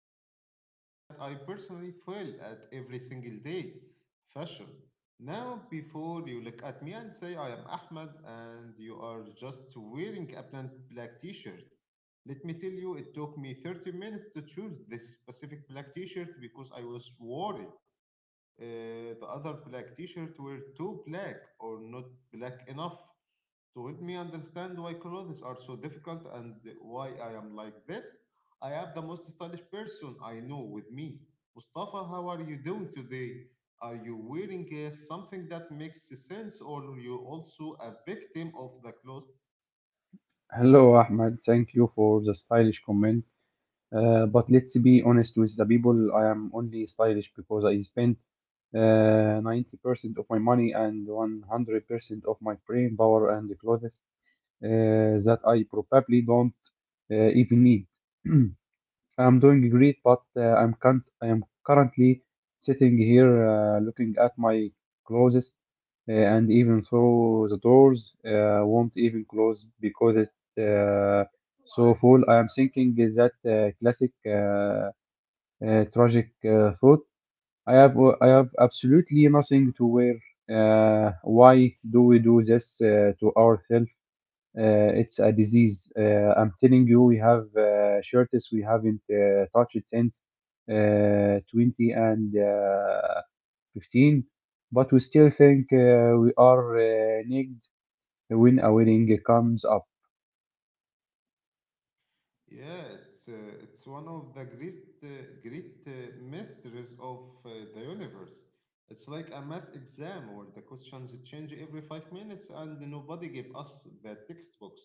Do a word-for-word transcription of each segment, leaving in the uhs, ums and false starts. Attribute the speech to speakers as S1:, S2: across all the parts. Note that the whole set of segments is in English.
S1: talking about something that I personally fail at every single day, fashion. Now, before you look at me and say I am Ahmed and you are just wearing a plain black t-shirt, let me tell you it took me thirty minutes to choose this specific black t-shirt because I was worried uh, the other black t-shirt were too black or not black enough to help me understand why clothes are so difficult and why I am like this. I have the most stylish person I know with me. Mustafa, how are you doing today? Are you wearing uh, something that makes sense or are you also a victim of the clothes.
S2: Hello, Ahmed. Thank you for the stylish comment. Uh, but let's be honest with the people. I am only stylish because I spend uh, ninety percent of my money and one hundred percent of my brain power and the clothes uh, that I probably don't uh, even need. I'm doing great, but uh, I'm can't, I am currently sitting here uh, looking at my clothes uh, and even though the doors uh, won't even close because it's uh, so full. I am thinking, is that uh, classic uh, uh, tragic uh, thought. I have uh, I have absolutely nothing to wear. Uh, why do we do this uh, to ourselves? Uh, it's a disease. Uh, I'm telling you, we have uh, shirts we haven't uh, touched since uh, 20 and uh, 15, but we still think uh, we are uh, naked when a wedding comes up.
S1: Yeah, it's uh, it's one of the great uh, great uh, mysteries of uh, the universe. It's like a math exam where the questions change every five minutes, and nobody gave us the textbooks.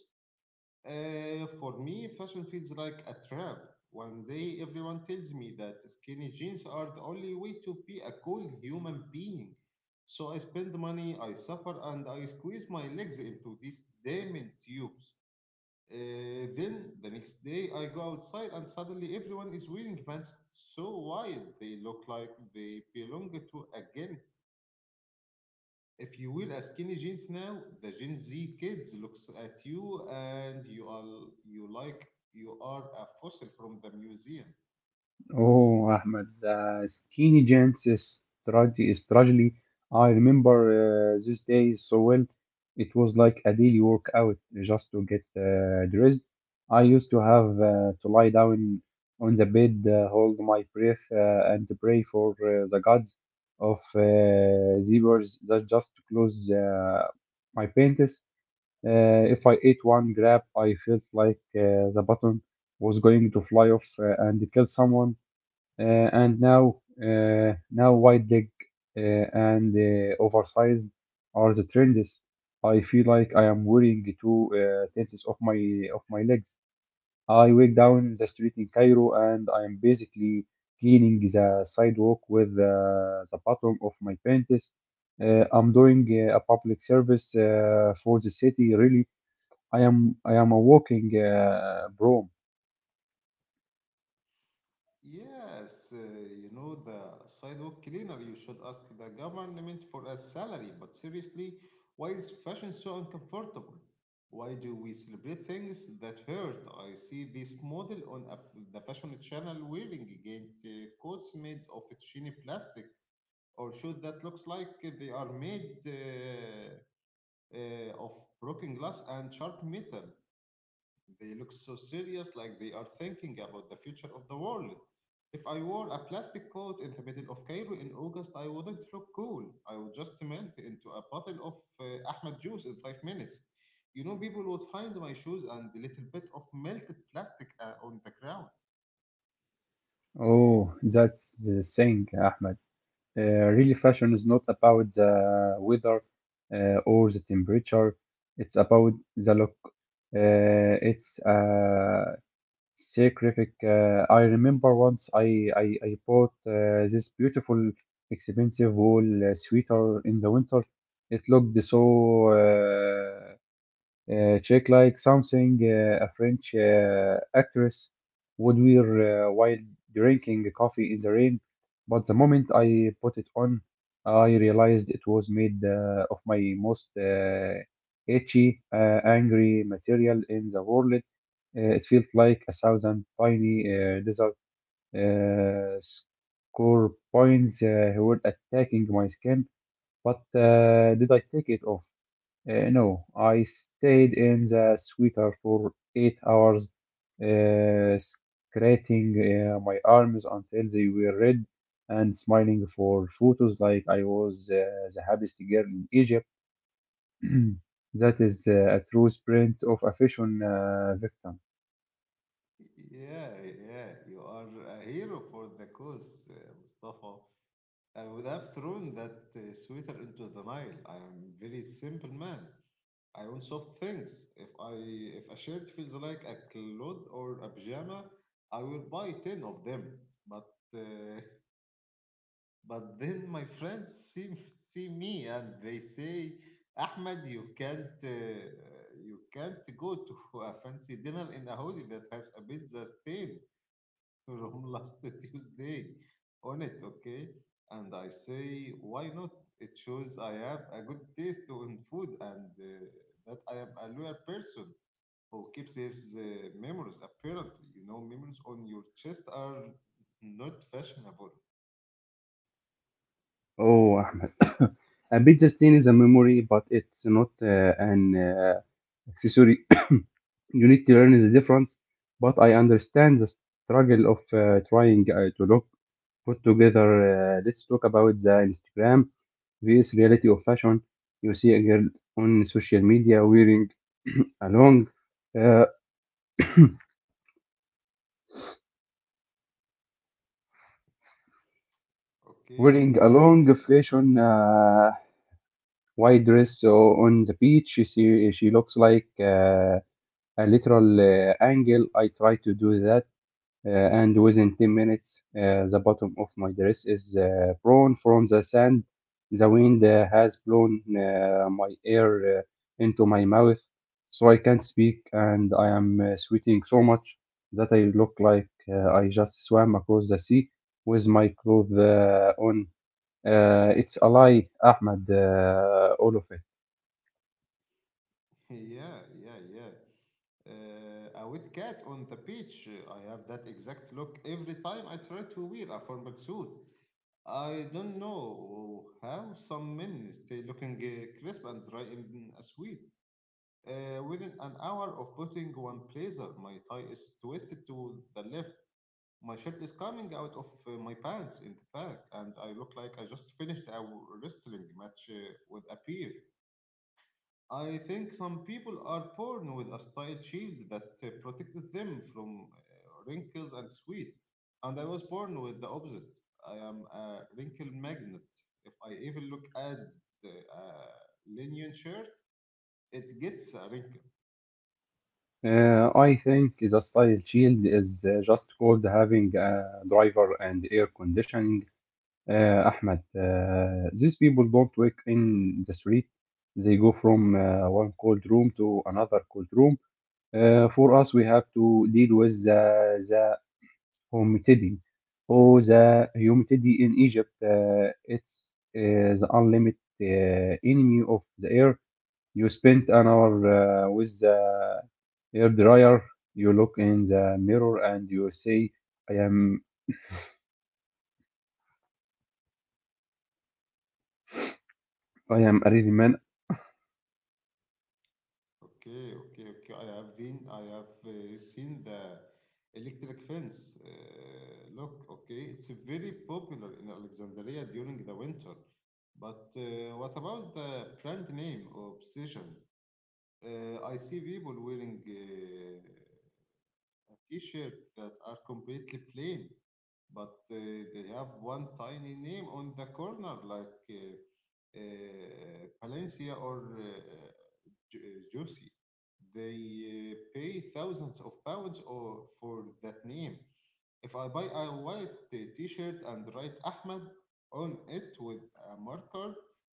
S1: Uh, for me, fashion feels like a trap. One day, everyone tells me that skinny jeans are the only way to be a cool human being. So I spend money, I suffer, and I squeeze my legs into these diamond tubes. Uh, then the next day I go outside and suddenly everyone is wearing pants so wide they look like they belong to a gang. If you wear a skinny jeans now, the Gen Z kids looks at you and you are you like you are a fossil from the museum.
S2: Oh, Ahmed, the skinny jeans is, trage- is tragedy. I remember uh, these days so well. It was like a daily workout just to get uh, dressed. I used to have uh, to lie down on the bed, uh, hold my breath, uh, and pray for uh, the gods of uh, zebras that just close uh, my pants. Uh, if I ate one grab, I felt like uh, the button was going to fly off uh, and kill someone. Uh, and now, uh, now wide leg uh, and uh, oversized are the trends. I feel like I am wearing two uh, tenths of my of my legs. I walk down the street in Cairo and I am basically cleaning the sidewalk with uh, the bottom of my panties. Uh, I'm doing uh, a public service uh, for the city, really. I am I am a walking uh, broom.
S1: Yes, uh, you know, the sidewalk cleaner, you should ask the government for a salary. But seriously, why is fashion so uncomfortable? Why do we celebrate things that hurt? I see this model on a f the fashion channel wearing giant uh, coats made of shiny plastic or shoes that looks like they are made uh, uh, of broken glass and sharp metal. They look so serious, like they are thinking about the future of the world. If I wore a plastic coat in the middle of Cairo in August, I wouldn't look cool. I would just melt into a bottle of uh, Ahmed juice in five minutes. You know, people would find my shoes and a little bit of melted plastic uh, on the ground.
S2: Oh, that's the thing, Ahmed. Uh, really, fashion is not about the weather uh, or the temperature. It's about the look. Uh, it's uh, scientific. Uh, I remember once I I, I bought uh, this beautiful, expensive wool uh, sweater in the winter. It looked so uh, uh, check, like something uh, a French uh, actress would wear uh, while drinking coffee in the rain. But the moment I put it on, I realized it was made uh, of my most uh, itchy, uh, angry material in the world. Uh, it felt like a thousand tiny uh, desert uh, scorpions uh, who were attacking my skin. But uh, did I take it off? Uh, no, I stayed in the sweater for eight hours, uh, scratching uh, my arms until they were red and smiling for photos like I was uh, the happiest girl in Egypt. That is uh, a true sprint of a fashion uh, victim.
S1: Yeah, yeah, you are a hero for the cause, uh, Mustafa. I would have thrown that uh, sweater into the Nile. I am a very simple man. I also thinks if I if a shirt feels like a cloth or a pajama, I will buy ten of them. But uh, but then my friends see see me and they say, Ahmed, you can't uh, you can't go to a fancy dinner in a hoodie that has a pizza stain from last Tuesday on it, okay? And I say, why not? It shows I have a good taste in food and. Uh, that I am a loyal person who keeps his uh, memories, apparently. You know, memories on your chest are not fashionable.
S2: Oh, Ahmed. A bit sustain is a memory, but it's not uh, an uh, accessory. You need to learn the difference, but I understand the struggle of uh, trying uh, to look put together. Uh, let's talk about the Instagram vs reality of fashion. You see a girl on social media wearing a long, uh,
S1: Okay,
S2: wearing a
S1: okay,
S2: long
S1: okay. Uh,
S2: fashion uh, white dress so on the beach. She she looks like. Uh, a lateral uh, angle. I try to do that, uh, and within ten minutes, uh, the bottom of my dress is uh, brown from the sand. The wind uh, has blown uh, my air uh, into my mouth, so I can't speak, and I am uh, sweating so much that I look like uh, I just swam across the sea with my clothes uh, on. Uh, it's a lie, Ahmed, uh, all of it.
S1: yeah yeah yeah uh, a wet cat on the beach, uh, I have that exact look every time I try to wear a formal suit. I don't know how some men stay looking uh, crisp and dry in a suit. Uh, within an hour of putting one blazer, my tie is twisted to the left. My shirt is coming out of uh, my pants in the back, and I look like I just finished a wrestling match uh, with a peer. I think some people are born with a style shield that uh, protected them from uh, wrinkles and sweat, and I was born with the opposite. I am a wrinkle magnet. If I even look at the uh, linen shirt, it gets a wrinkle.
S2: Uh, I think the style shield is uh, just called having a driver and air conditioning. Uh, Ahmed, uh, these people don't work in the street. They go from uh, one cold room to another cold room. Uh, for us, we have to deal with the, the humidity. Oh, the humidity in Egypt, uh, it's uh, the unlimited uh, enemy of the air. You spend an hour uh, with the hair dryer. You look in the mirror and you say, I am I am a real man.
S1: Okay, okay, okay. I have been, I have uh, seen the electric fence. Uh, look, okay, it's very popular in Alexandria during the winter. But uh, what about the brand name Obsession? Uh, I see people wearing uh, a t-shirt that are completely plain, but uh, they have one tiny name on the corner, like uh, uh, Palencia or eh, ju- uh, juicy. They uh, pay thousands of pounds or for that name. If I buy a white t- T-shirt and write Ahmed on it with a marker,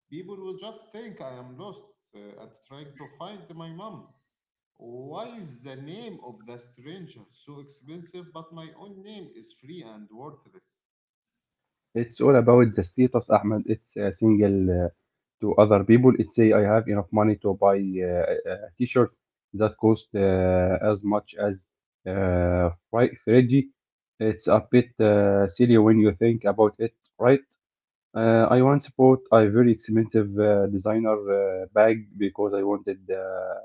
S1: people will just think I am lost uh, and trying to find my mom. Why is the name of the stranger so expensive, but my own name is free and worthless?
S2: It's all about the status, Ahmed. It's uh, single uh, to other people. It's say I have enough money to buy uh, a a t-shirt that cost uh, as much as uh, right Freddy. It's a bit uh, silly when you think about it, right? Uh, I once bought a very expensive uh, designer uh, bag because I wanted uh,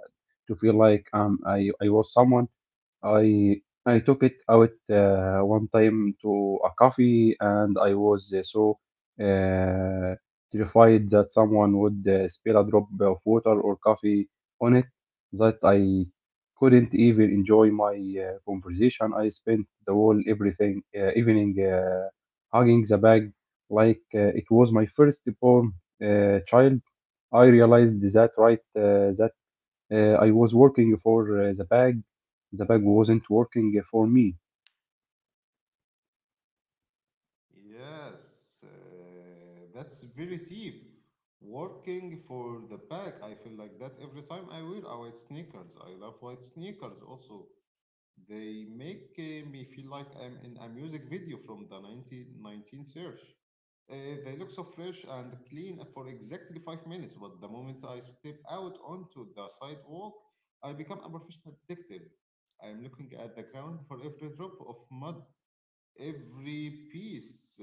S2: to feel like um I, I was someone. I I took it out uh, one time to a coffee, and I was uh, so uh, terrified that someone would uh, spill a drop of water or coffee on it that I couldn't even enjoy my uh, conversation. I spent the whole everything uh, evening uh, hugging the bag like uh, it was my firstborn uh, child. I realized that right uh, that uh, I was working for uh, the bag. The bag wasn't working for me.
S1: Yes, uh, that's very deep. Working for the pack, I feel like that every time I wear a white sneakers. I love white sneakers also. They make uh, me feel like I'm in a music video from the nineteen nineteen search. Uh, they look so fresh and clean for exactly five minutes, but the moment I step out onto the sidewalk, I become a professional detective. I'm looking at the ground for every drop of mud, every piece. Uh,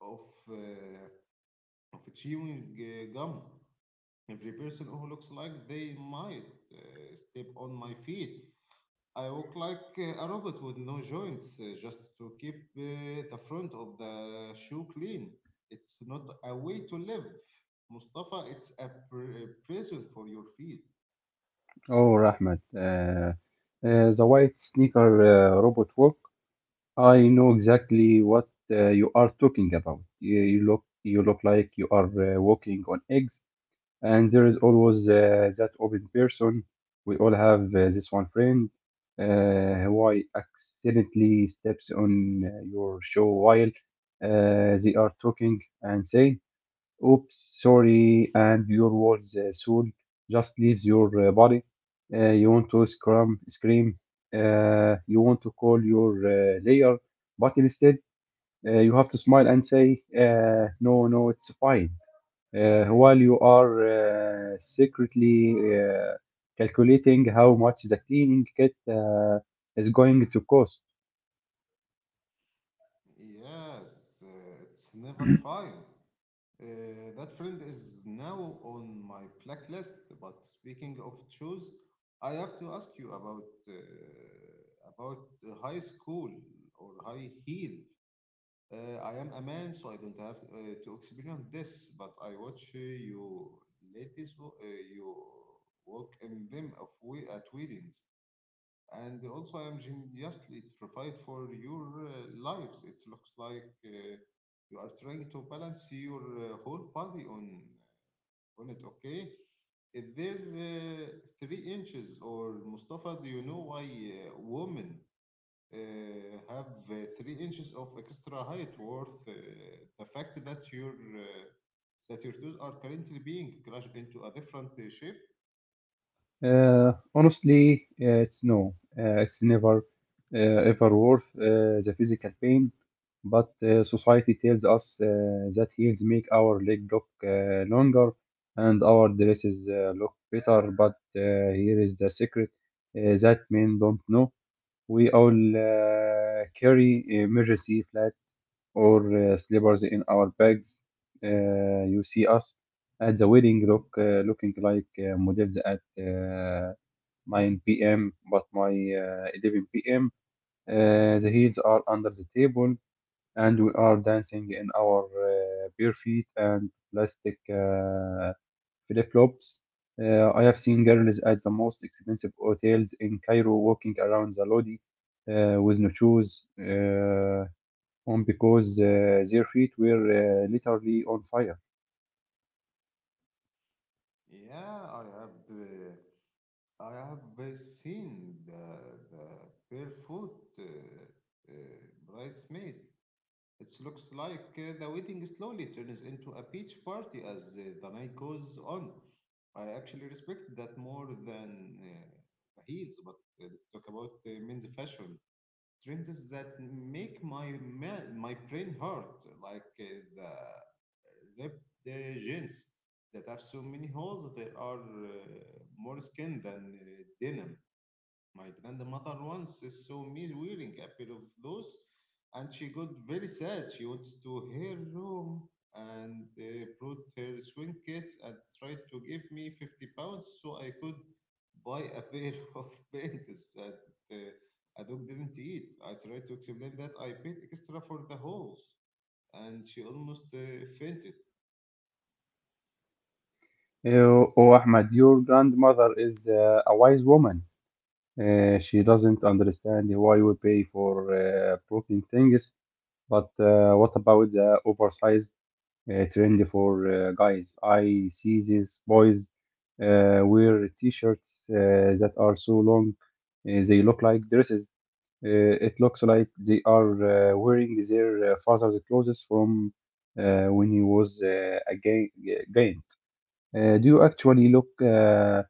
S1: of uh, of chewing uh, gum. Every person who looks like they might uh, step on my feet. I walk like uh, a robot with no joints, uh, just to keep uh, the front of the shoe clean. It's not a way to live, Mustafa. It's a pr- prison for your feet.
S2: Oh, Rahmat, uh, uh, the white sneaker uh, robot walk. I know exactly what uh, you are talking about. You, you look, you look like you are uh, walking on eggs, and there is always uh, that open person. We all have uh, this one friend uh, who I accidentally steps on uh, your show while uh, they are talking and say, "Oops, sorry," and your words uh, soon just leaves your uh, body. Uh, you want to scrum, scream. Uh, you want to call your uh, layer, but instead uh, you have to smile and say, uh, "No, no, it's fine," uh, while you are uh, secretly uh, calculating how much the cleaning kit uh, is going to cost.
S1: Yes, uh, it's never fine. Uh, that friend is now on my blacklist. But speaking of shoes, I have to ask you about uh, about high school or high heel. Uh, I am a man, so I don't have uh, to experience this. But I watch uh, you ladies, wo- uh, you walk in them of we- at weddings and also I'm genuinely terrified for your uh, lives. It looks like uh, you are trying to balance your uh, whole body on uh, on it. Okay, is there uh, three inches or Mustafa? Do you know why uh, women uh, have uh, three inches of extra height worth uh, the fact that your uh, that your toes are currently being crushed into a different uh, shape?
S2: Uh, honestly, uh, it's no, uh, it's never uh, ever worth uh, the physical pain. But uh, society tells us uh, that heels make our leg look uh, longer and our dresses uh, look better. But uh, here is the secret uh, that men don't know. We all uh, carry emergency flat or uh, slippers in our bags. Uh, you see us at the wedding look uh, looking like uh, models at uh, nine p m but my uh, eleven p m. Uh, the heels are under the table and we are dancing in our uh, bare feet and plastic uh, flip-flops. Uh, I have seen girls at the most expensive hotels in Cairo walking around the Lodi uh, with no shoes uh, on because uh, their feet were uh, literally on fire.
S1: Yeah, I have. Uh, I have uh, seen the, the barefoot uh, uh, bridesmaid. It looks like uh, the wedding slowly turns into a beach party as uh, the night goes on. I actually respect that more than uh, the heels, but uh, let's talk about uh, men's fashion trends that make my ma- my brain hurt, like uh, the ripped uh, jeans that have so many holes. There are uh, more skin than uh, denim. My grandmother once saw me wearing a pair of those, and she got very sad. She went to her room and uh, brought her swing kits and tried to give me fifty pounds so I could buy a pair of pants that uh, a dog didn't eat. I tried to explain that I paid extra for the holes, and she almost uh, fainted.
S2: Uh, oh, Ahmed, your grandmother is uh, a wise woman. Uh, she doesn't understand why we pay for uh, broken things, but uh, what about the oversized uh, trend for uh, guys. I see these boys uh, wear t-shirts uh, that are so long, uh, they look like dresses. Uh, it looks like they are uh, wearing their uh, father's clothes from uh, when he was uh, a ga- ga- giant. Uh, do you actually look, uh,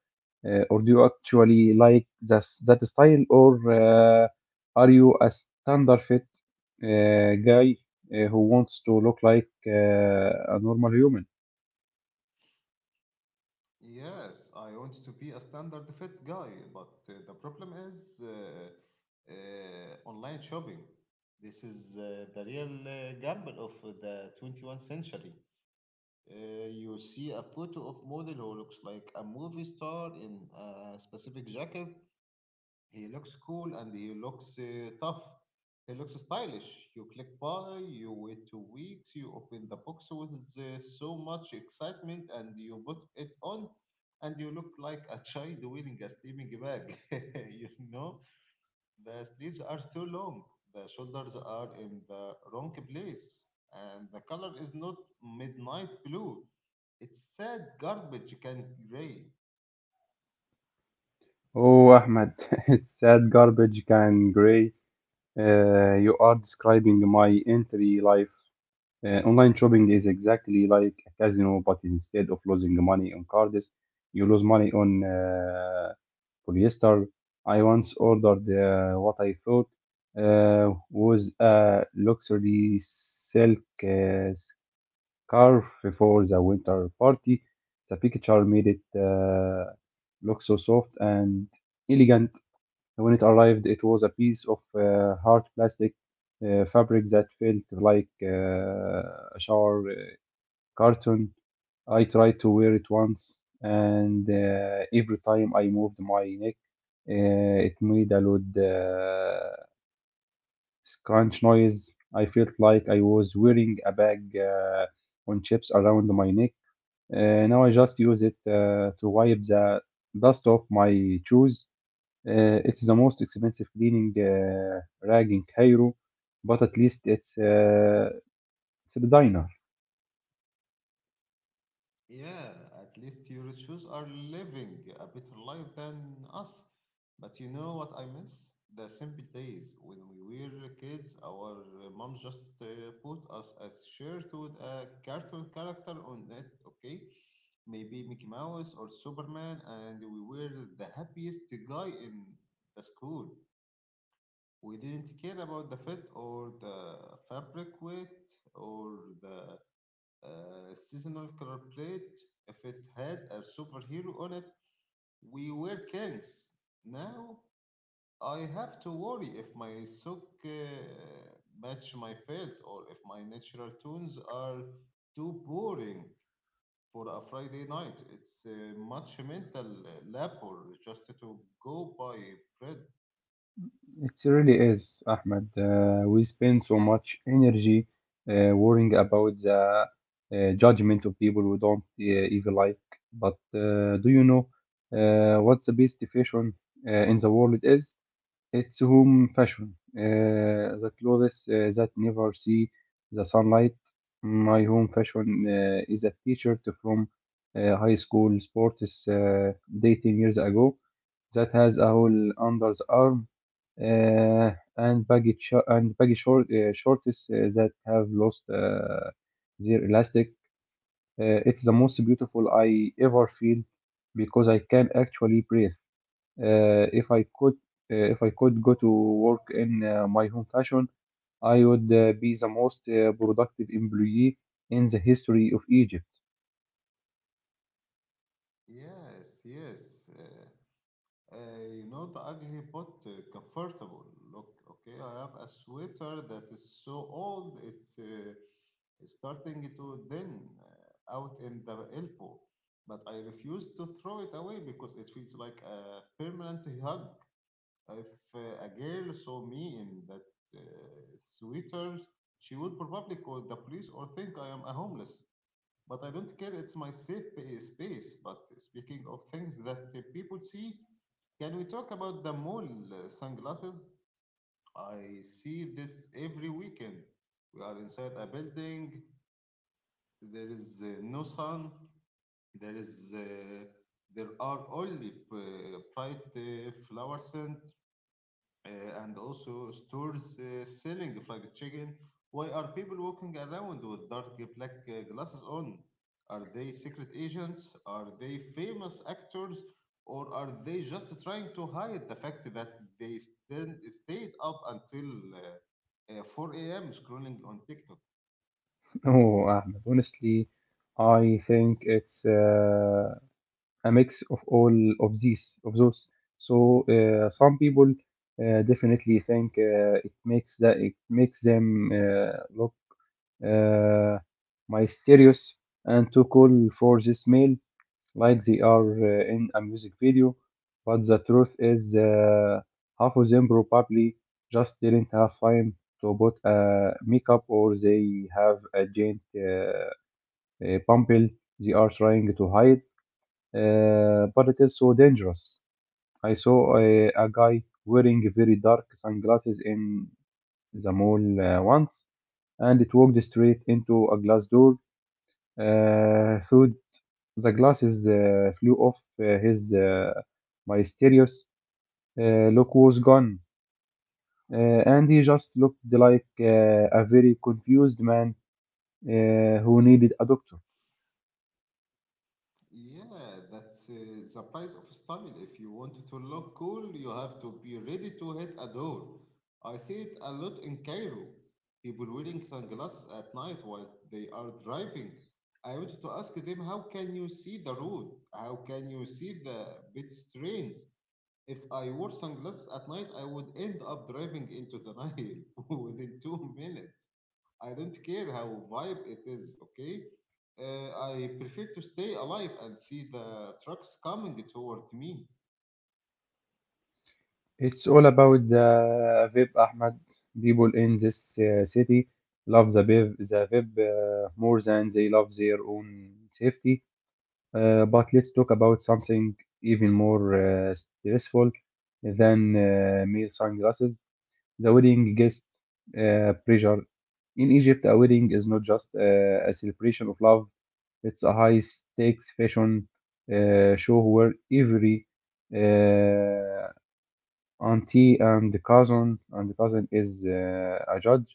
S2: uh, or do you actually like that that style, or uh, are you a standard fit uh, guy uh, who wants to look like uh, a normal human?
S1: Yes, I want to be a standard fit guy, but uh, the problem is uh, uh, online shopping. This is uh, the real uh, gamble of the twenty-first century. Uh, you see a photo of model who looks like a movie star in a specific jacket, he looks cool and he looks uh, tough. He looks stylish. You click buy, you wait two weeks, you open the box with uh, so much excitement and you put it on, and you look like a child wearing a sleeping bag. You know, the sleeves are too long, the shoulders are in the wrong place, and the color is not midnight blue. It's sad garbage can gray.
S2: Oh, Ahmed, it's that garbage can gray. Uh, you are describing my entry life. Uh, online shopping is exactly like a casino, but instead of losing money on cards, you lose money on uh, polyester. I once ordered uh, what I thought uh, was a luxury silk uh, scarf for the winter party. The picture made it uh, look so soft and elegant. When it arrived, it was a piece of uh, hard plastic uh, fabric that felt like uh, a shower uh, curtain. I tried to wear it once, and uh, every time I moved my neck, uh, it made a loud uh, crunch noise. I felt like I was wearing a bag uh, on chips around my neck. Uh, now I just use it uh, to wipe the dust off my shoes. Uh, it's the most expensive cleaning uh, rag in Cairo, but at least it's uh, it's a designer.
S1: Yeah, at least your shoes are living a better life than us. But you know what I miss? The simple days when we were kids, our mom just uh, put us a shirt with a cartoon character on it, okay? Maybe Mickey Mouse or Superman, and we were the happiest guy in the school. We didn't care about the fit or the fabric weight or the uh, seasonal color plate. If it had a superhero on it, we were kings. Now I have to worry if my sock uh, match my belt or if my natural tones are too boring for a Friday night. It's uh, much mental labor just to go buy bread.
S2: It really is, Ahmed. Uh, we spend so much energy uh, worrying about the uh, judgment of people we don't uh, even like. But uh, do you know uh, what the best fashion uh, in the world is? It's home fashion, uh, the clothes uh, that never see the sunlight. My home fashion uh, is a t-shirt from uh, high school sports uh, dating years ago that has a hole under the arm uh, and baggy sh- and baggy short uh, shorts uh, that have lost uh, their elastic. Uh, it's the most beautiful I ever feel because I can actually breathe. Uh, if I could, uh, if I could go to work in uh, my home fashion, I would uh, be the most uh, productive employee in the history of Egypt.
S1: Yes, yes. Uh, Uh, you know, the ugly but uh, comfortable look. Okay, I have a sweater that is so old, it's uh, starting to thin uh, out in the elbow, but I refuse to throw it away because it feels like a permanent hug. If uh, a girl saw me in that uh, sweater, she would probably call the police or think I am a homeless. But I don't care, it's my safe pa- space. But speaking of things that uh, people see, can we talk about the mall uh, sunglasses? I see this every weekend. We are inside a building. There is uh, no sun. There is uh, there are only p- bright uh, flower scent uh, and also stores uh, selling fried chicken. Why are people walking around with dark black uh, glasses on? Are they secret agents? Are they famous actors? Or are they just trying to hide the fact that they stand, stayed up until uh, uh, four a m scrolling on TikTok?
S2: Oh, Ahmed, honestly, I think it's uh, a mix of all of these, of those. So uh, some people uh, definitely think uh, it makes that it makes them uh, look uh, mysterious and too cool for this mail. Like they are uh, in a music video, but the truth is uh, half of them probably just didn't have time to put uh, makeup, or they have a giant uh, uh, pimple they are trying to hide. Uh, but it is so dangerous. I saw a, a guy wearing very dark sunglasses in the mall uh, once, and it walked straight into a glass door. Uh, thud, the glasses uh, flew off uh, his uh, mysterious uh, look was gone, uh, and he just looked like uh, a very confused man uh, who needed a doctor.
S1: Yeah, that's uh, the price of style. If you want to look cool, you have to be ready to hit a door. I see it a lot in Cairo. People wearing sunglasses at night while they are driving. I wanted to ask them, how can you see the road? How can you see the pedestrians? If I wore sunglasses at night, I would end up driving into the Nile within two minutes. I don't care how vibe it is, okay? Uh, I prefer to stay alive and see the trucks coming toward me.
S2: It's all about the Vib, Ahmed. People in this uh, city love the Vib, the Vib uh, more than they love their own safety. Uh, but let's talk about something even more uh, stressful than uh, mere sunglasses. The wedding guest uh, pressure. In Egypt, a wedding is not just uh, a celebration of love, it's a high stakes fashion uh, show where every uh, auntie and cousin and cousin is uh, a judge.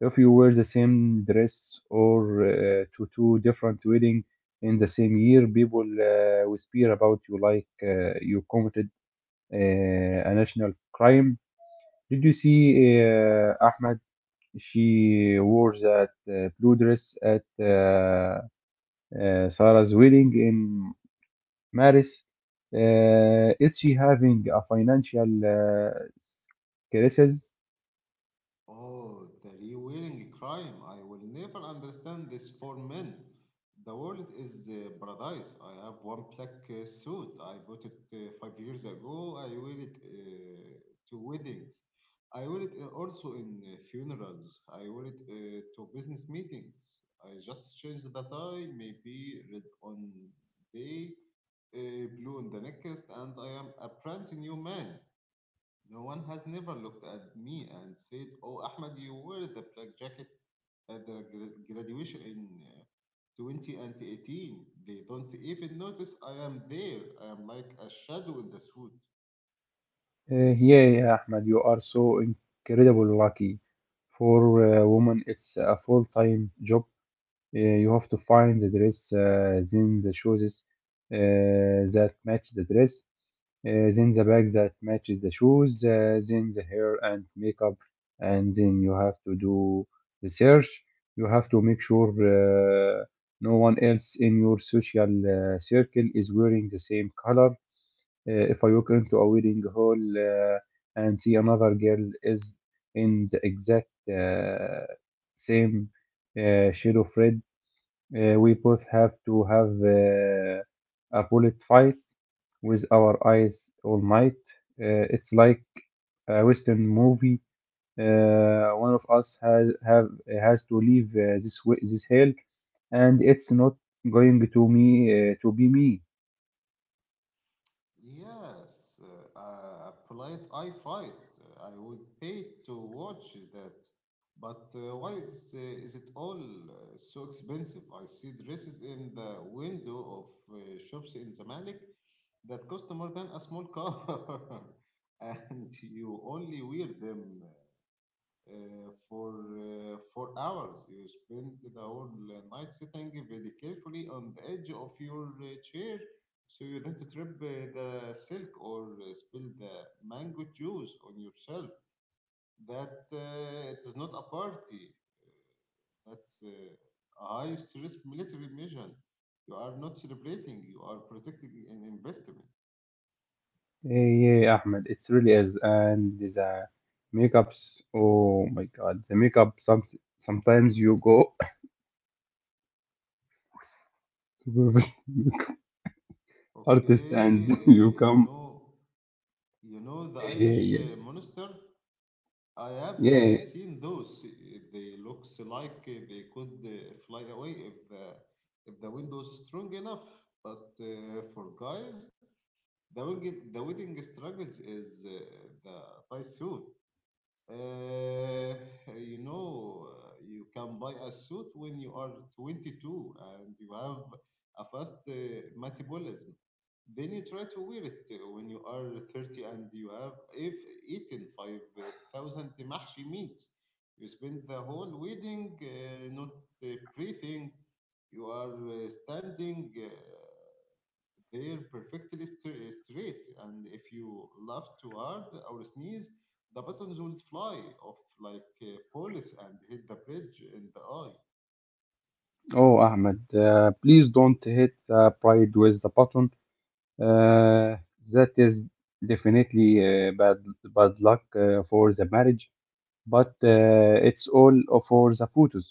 S2: If you wear the same dress or uh, to two different weddings in the same year, people uh, whisper about you like uh, you committed uh, a national crime. Did you see uh, Ahmed? She wore that uh, blue dress at uh, uh, Sarah's wedding in Paris. Uh, is she having a financial uh, crisis?
S1: Oh, the reweiling crime. I will never understand this for men. The world is uh, paradise. I have one black uh, suit. I bought it uh, five years ago. I wear it uh, to weddings. I wear it uh, also in uh, funerals. I wear it uh, to business meetings. I just change the tie, maybe red on day, uh, blue on the next, and I am a brand new man. No one has never looked at me and said, "Oh, Ahmed, you were the black jacket at the gra- graduation in uh, twenty eighteen." They don't even notice I am there. I am like a shadow in the suit.
S2: Uh, yeah, yeah, Ahmed, you are so incredible lucky. For a woman, it's a full-time job. Uh, you have to find the dress, uh, then the shoes uh, that match the dress, uh, then the bag that matches the shoes, uh, then the hair and makeup, and then you have to do the search. You have to make sure uh, no one else in your social uh, circle is wearing the same color. Uh, if I walk into a wedding hall uh, and see another girl is in the exact uh, same uh, shade of red, uh, we both have to have uh, a bullet fight with our eyes all night. Uh, it's like a Western movie. Uh, one of us has have has to leave uh, this wa- this hell, and it's not going to me uh, to be me.
S1: Yes, uh, a polite eye fight. Uh, I would pay to watch that. But uh, why is, uh, is it all uh, so expensive? I see dresses in the window of uh, shops in Zamalek that cost more than a small car, and you only wear them uh, uh, for uh, four hours. You spend the whole uh, night sitting very carefully on the edge of your uh, chair so you don't trip uh, the silk or uh, spill the mango juice on yourself. That uh, It is not a party. That's uh, a high stress military mission. You are not celebrating. You are protecting an investment.
S2: Uh, yeah, Ahmed, it really is. And the makeups. Oh my God, the makeup. Some sometimes you go to artist and
S1: Okay,
S2: you
S1: uh, you
S2: come.
S1: know, you know the
S2: Yeah,
S1: Irish uh,
S2: yeah,
S1: monster. I have
S2: yeah.
S1: uh,
S2: Yeah,
S1: seen those. Uh, They looks like uh, they could uh, fly away if the if the wind was strong enough. But uh, for guys, the wing the winning struggles is uh, the tight suit. Uh, you know, uh, you can buy a suit when you are twenty-two and you have a fast uh, metabolism. Then you try to wear it uh, when you are thirty and you have, if eaten five thousand mahshi meals, you spend the whole wedding uh, not uh, breathing. You are uh, standing. Uh, they're perfectly stra- straight, and if you laugh too hard or sneeze, the buttons will fly off like uh, bullets and hit the bridge in the eye.
S2: Oh, Ahmed, uh, please don't hit uh, pride with the button. Uh, that is definitely uh, bad bad luck uh, for the marriage, but uh, it's all for the photos.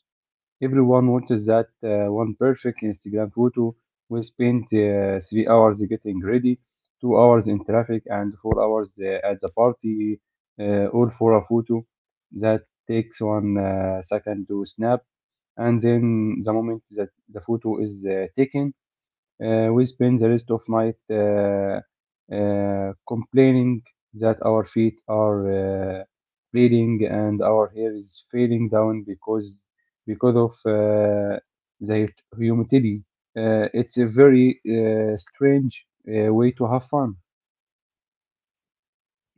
S2: Everyone watches that uh, one perfect Instagram photo we spent uh, three hours getting ready, two hours in traffic, and four hours uh, at the party, uh, all for a photo that takes one uh, second to snap. And then the moment that the photo is uh, taken, uh, we spend the rest of night uh, uh, complaining that our feet are uh, bleeding and our hair is falling down because because of uh, the humidity. Uh, it's a very uh, strange uh, way to have fun.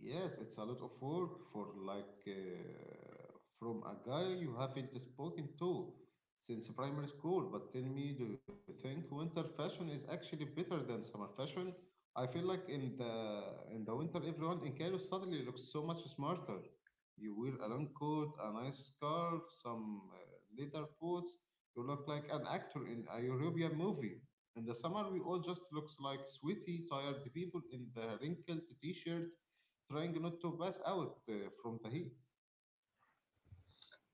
S1: Yes, it's a lot of work for like uh, from a guy you haven't spoken to since primary school. But tell me, do you think winter fashion is actually better than summer fashion? I feel like in the in the winter, everyone in Cairo suddenly looks so much smarter. You wear a long coat, a nice scarf, some uh, leather boots. You look like an actor in a European movie. In the summer, we all just looks like sweaty, tired people in the wrinkled t-shirt trying not to pass out uh, from the heat.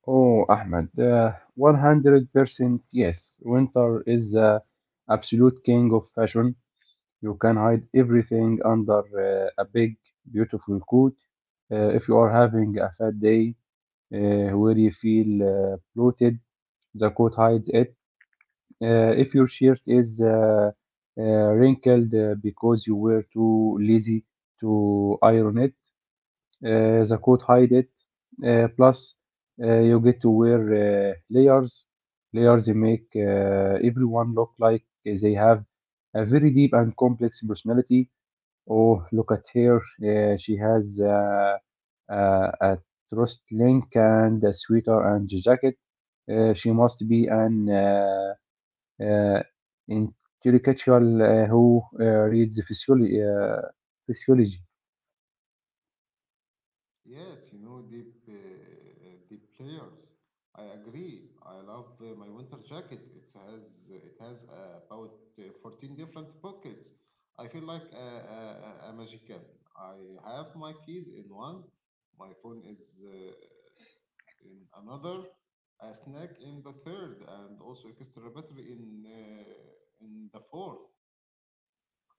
S2: Oh, Ahmed, uh, one hundred percent yes. Winter is the absolute king of fashion. You can hide everything under uh, a big, beautiful coat. Uh, if you are having a fat day uh, where you feel uh, bloated, the coat hides it. Uh, if your shirt is uh, uh, wrinkled uh, because you were too lazy to iron it, uh, the coat hides it. Uh, plus, uh, you get to wear uh, layers. Layers make uh, everyone look like they have a very deep and complex personality. Oh, look at her. Uh, she has uh, uh, a trust link and a sweater and jacket. Uh, she must be an uh, uh, intellectual uh, who uh, reads physiology. Uh, physiology.
S1: Yes, you know, the uh, deep layers. I agree. I love uh, my winter jacket. It has it has uh, about uh, fourteen different pockets. I feel like a, a, a a magician. I have my keys in one, my phone is uh, in another, a snack in the third, and also extra battery in uh, in the fourth.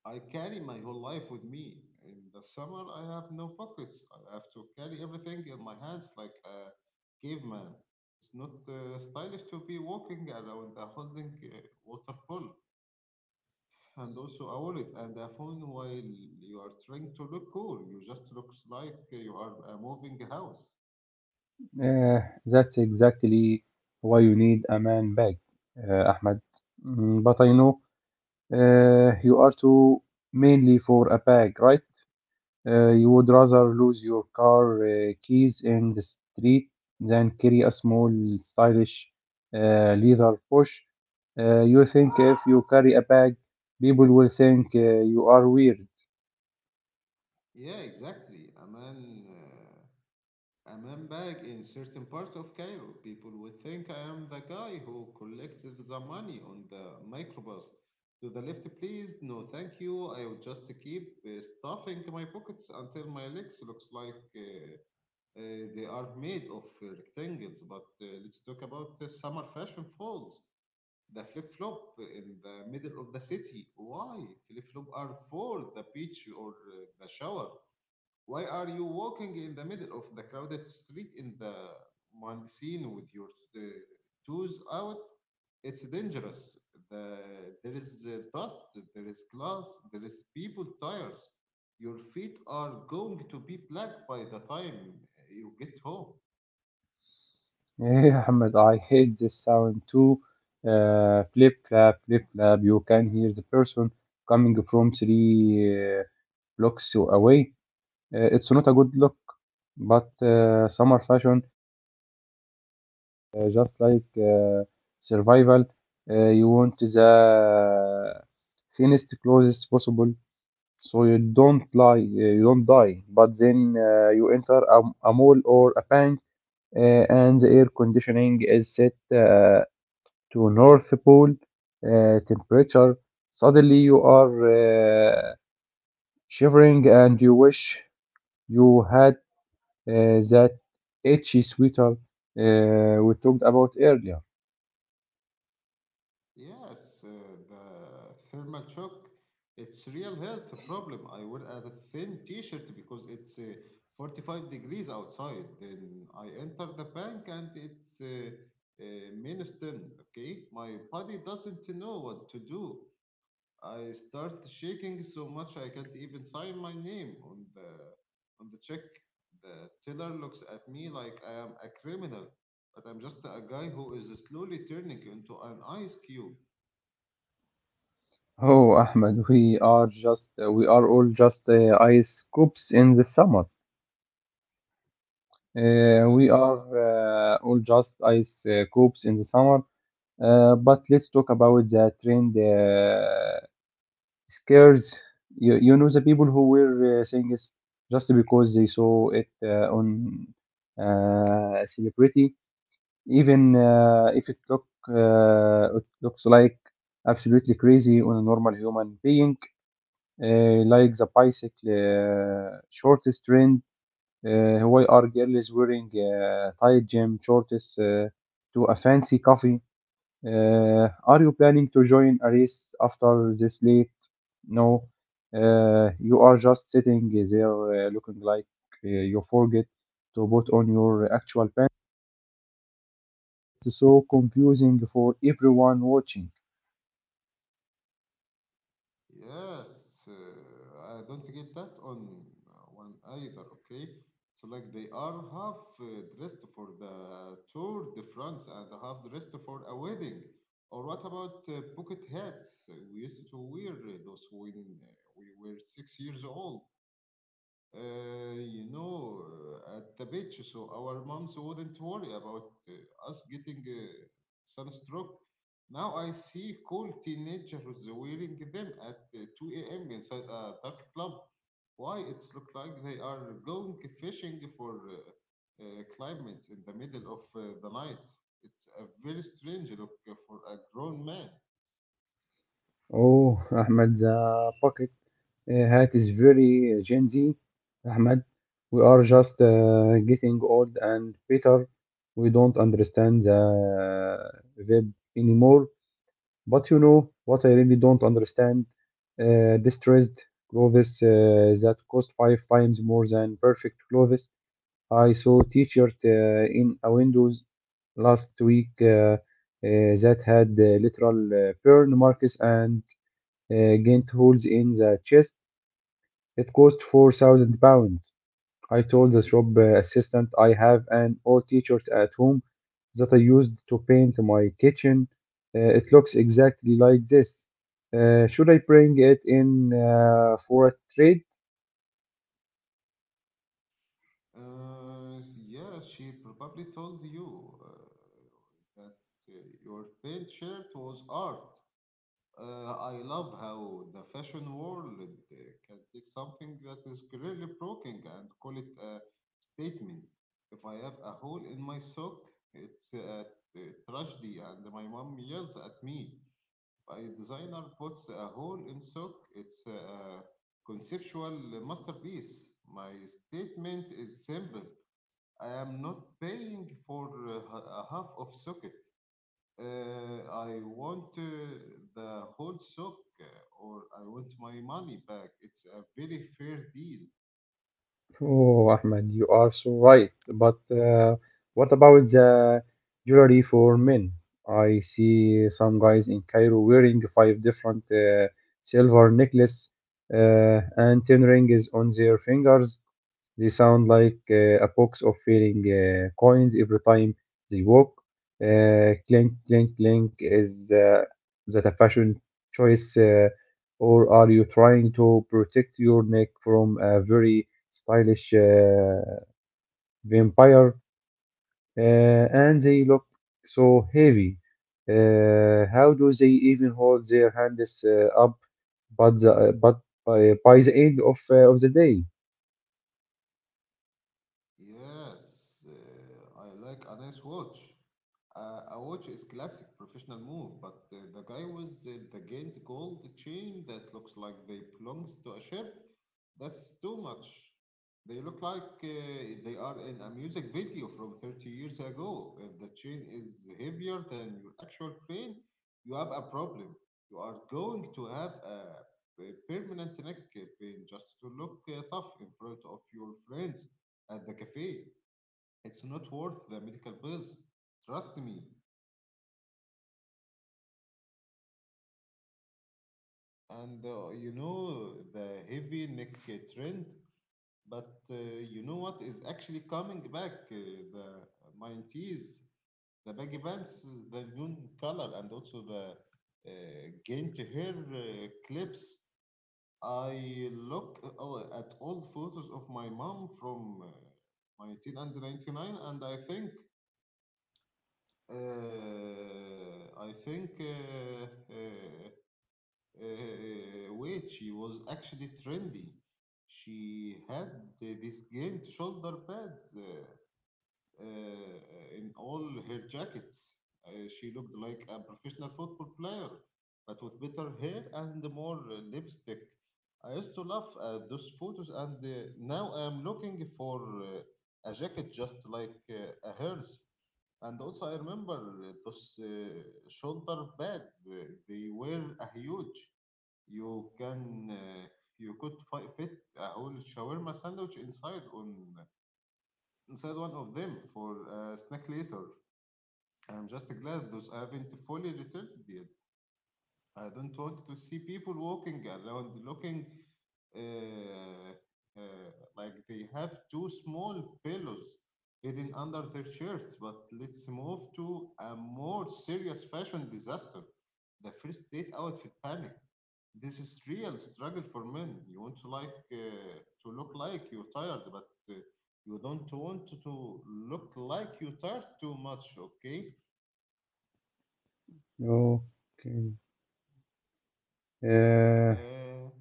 S1: I carry my whole life with me. In the summer, I have no pockets. I have to carry everything in my hands like a caveman. It's not uh, stylish to be walking around a holding uh, water pool and also a wallet and a phone while you are trying to look cool. You just looks like you are a moving a house.
S2: Uh, that's exactly why you need a man bag, uh, Ahmed. Mm, but I know uh, you are too mainly for a bag, right? Uh, you would rather lose your car uh, keys in the street than carry a small, stylish uh, leather pouch. Uh, you think if you carry a bag, people will think uh, you are weird.
S1: Yeah, exactly. A man. Uh, A man bag in certain parts of Cairo. People would think I am the guy who collects the money on the microbus. To the left, please. No, thank you. I will just keep uh, stuffing my pockets until my legs looks like uh, uh, they are made of rectangles. But uh, let's talk about the summer fashion falls. The flip flop in the middle of the city. Why? Flip flop are for the beach or uh, the shower. Why are you walking in the middle of the crowded street in the Mundocino with your uh, toes out? It's dangerous. The, there is uh, dust, there is glass, there is people tires. Your feet are going to be black by the time you get home.
S2: Hey, Ahmed, I hate this sound too. Uh, flip flap, flip flap. You can hear the person coming from three uh, blocks away. Uh, it's not a good look, but uh, summer fashion uh, just like uh, survival, uh, you want the thinnest clothes possible so you don't lie, uh, you don't die. But then uh, you enter a, a mall or a bank, uh, and the air conditioning is set uh, to North Pole uh, temperature. Suddenly you are uh, shivering, and you wish you had uh, that itchy sweater uh, we talked about earlier.
S1: Yes, uh, the thermal shock, it's real health problem. I wear a thin t-shirt because it's uh, forty-five degrees outside. Then I enter the bank and it's uh, uh, minus ten, okay? My body doesn't know what to do. I start shaking so much I can't even sign my name on the on the check. The teller looks at me like I am a criminal, but I'm just a guy who is slowly turning into an ice cube.
S2: Oh, Ahmed, we are just uh, we are all just uh, ice cubes in the summer. Uh, we
S1: Yes,
S2: are uh, all just ice uh, cubes in the summer. Uh, but let's talk about the trend uh, scares. You, you know the people who were uh, saying this just because they saw it uh, on uh, a celebrity, even uh, if it look uh, it looks like absolutely crazy on a normal human being uh, like the bicycle uh, shortest trend. Uh, why are girls wearing uh, tight gym shorts uh, to a fancy coffee? Uh, are you planning to join a race after this late? No, uh, you are just sitting there uh, looking like uh, you forget to put on your actual pants. It's so confusing for everyone watching.
S1: yes. Uh, I don't get that on uh, one either. Okay, it's like they are half uh, dressed for the Tour de France and half dressed for a wedding. Or what about uh, bucket hats? Uh, We used to wear uh, those when uh, we were six years old. Uh, you know, uh, at the beach, so our moms wouldn't worry about uh, us getting uh, sunstroke. Now I see cool teenagers wearing them at uh, two a m inside a dark club. Why? It's look like they are going fishing for uh, uh, climates in the middle of uh, the night. It's a very strange look for a grown man.
S2: Oh, Ahmed, the pocket. Uh, Hat is very uh, Gen Z, Ahmed. We are just uh, getting old and bitter. We don't understand the uh, web anymore. But you know what I really don't understand? Uh, distressed clothes uh, that cost five times more than perfect clothes. I saw t-shirt uh, in a Windows last week uh, uh, that had uh, literal uh, burn marks and uh, gained holes in the chest. It cost four thousand pounds. I told the shop uh, assistant I have an old t-shirt at home that I used to paint my kitchen. Uh, it looks exactly like this. Uh, should I bring it in uh, for a trade?
S1: Uh, yeah, she probably told you uh, that uh, your paint shirt was art. Uh, I love how the fashion world uh, can take something that is clearly broken and call it a statement. If I have a hole in my sock, it's a, a tragedy, and my mom yells at me. If a designer puts a hole in sock, it's a conceptual masterpiece. My statement is simple. I am not paying for uh, h- a half of socket. Uh, I want uh, the whole sock, uh, or I want my money back. It's a very fair deal.
S2: Oh, Ahmed, you are so right. But uh, what about the jewelry for men? I see some guys in Cairo wearing five different uh, silver necklace uh, and ten rings on their fingers. They sound like uh, a box of failing uh, coins every time they walk. Uh, clink, clink, clink. Is uh, that a fashion choice, uh, or are you trying to protect your neck from a very stylish uh, vampire? Uh, and they look so heavy. Uh, how do they even hold their hands uh, up? But the, but by, by the end of uh, of the day.
S1: Yes, uh, I like a nice watch. Uh, a watch is classic professional move, but uh, the guy with uh, the giant gold chain that looks like they belongs to a ship, that's too much. They look like uh, they are in a music video from thirty years ago. If the chain is heavier than your actual crane, you have a problem. You are going to have a, a permanent neck pain just to look uh, tough in front of your friends at the cafe. It's not worth the medical bills. Trust me. And uh, you know the heavy neck trend, but uh, you know what is actually coming back? Uh, the nineties, the baggy pants, the neon color, and also the uh, gained hair uh, clips. I look uh, oh, at old photos of my mom from uh, nineteen ninety-nine and I think Uh, I think uh, uh, uh, wait, she was actually trendy. She had uh, these giant shoulder pads Uh, uh, in all her jackets. Uh, she looked like a professional football player, but with better hair and more uh, lipstick. I used to love at those photos, and uh, now I am looking for uh, a jacket just like uh, a hers. And also, I remember uh, those uh, shoulder pads. Uh, They were a huge. You can uh, you could fi- fit a whole shawarma sandwich inside on uh, inside one of them for a snack later. I'm just glad those haven't fully returned yet. I don't want to see people walking around looking uh, uh, like they have two small pillows hidden under their shirts. But let's move to a more serious fashion disaster the first date outfit panic. This is real struggle for men. You want to like uh, to look like you're tired, but uh, you don't want to look like you're tired too much. Okay?
S2: Okay. Uh,
S1: Uh,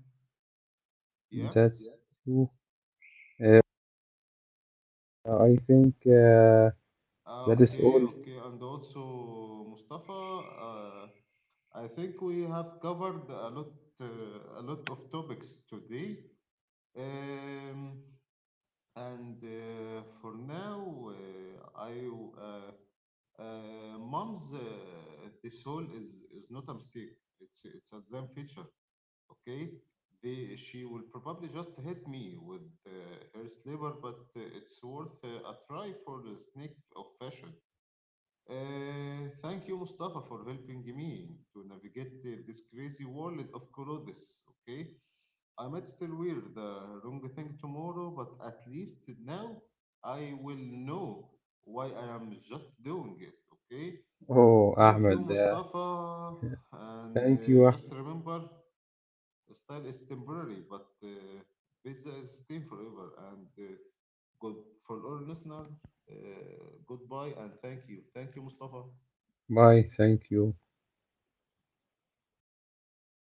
S1: yeah.
S2: That's true. Uh, I think uh,
S1: Ah,
S2: that is
S1: Okay,
S2: all.
S1: okay. And also, Mustafa, uh, I think we have covered a lot, uh, a lot of topics today. Um, and uh, For now, uh, I, uh, uh, mom's uh, this whole is is not a mistake. It's it's a damn feature. Okay, they she will probably just hit me with uh, her sliver, but uh, it's worth uh, a try for the snake of fashion. Uh, thank you, Mustafa, for helping me to navigate uh, this crazy world of Kurodis. Okay, I might still wear the wrong thing tomorrow, but at least now I will know why I am just doing it. Okay,
S2: Oh,
S1: thank you,
S2: Ahmed, uh,
S1: Mustafa, and
S2: thank
S1: uh,
S2: you.
S1: just
S2: Ahmed.
S1: remember, style is temporary, but uh, pizza is staying forever. And uh, good for our listener. Uh, goodbye and thank you. Thank you, Mustafa.
S2: Bye, thank you.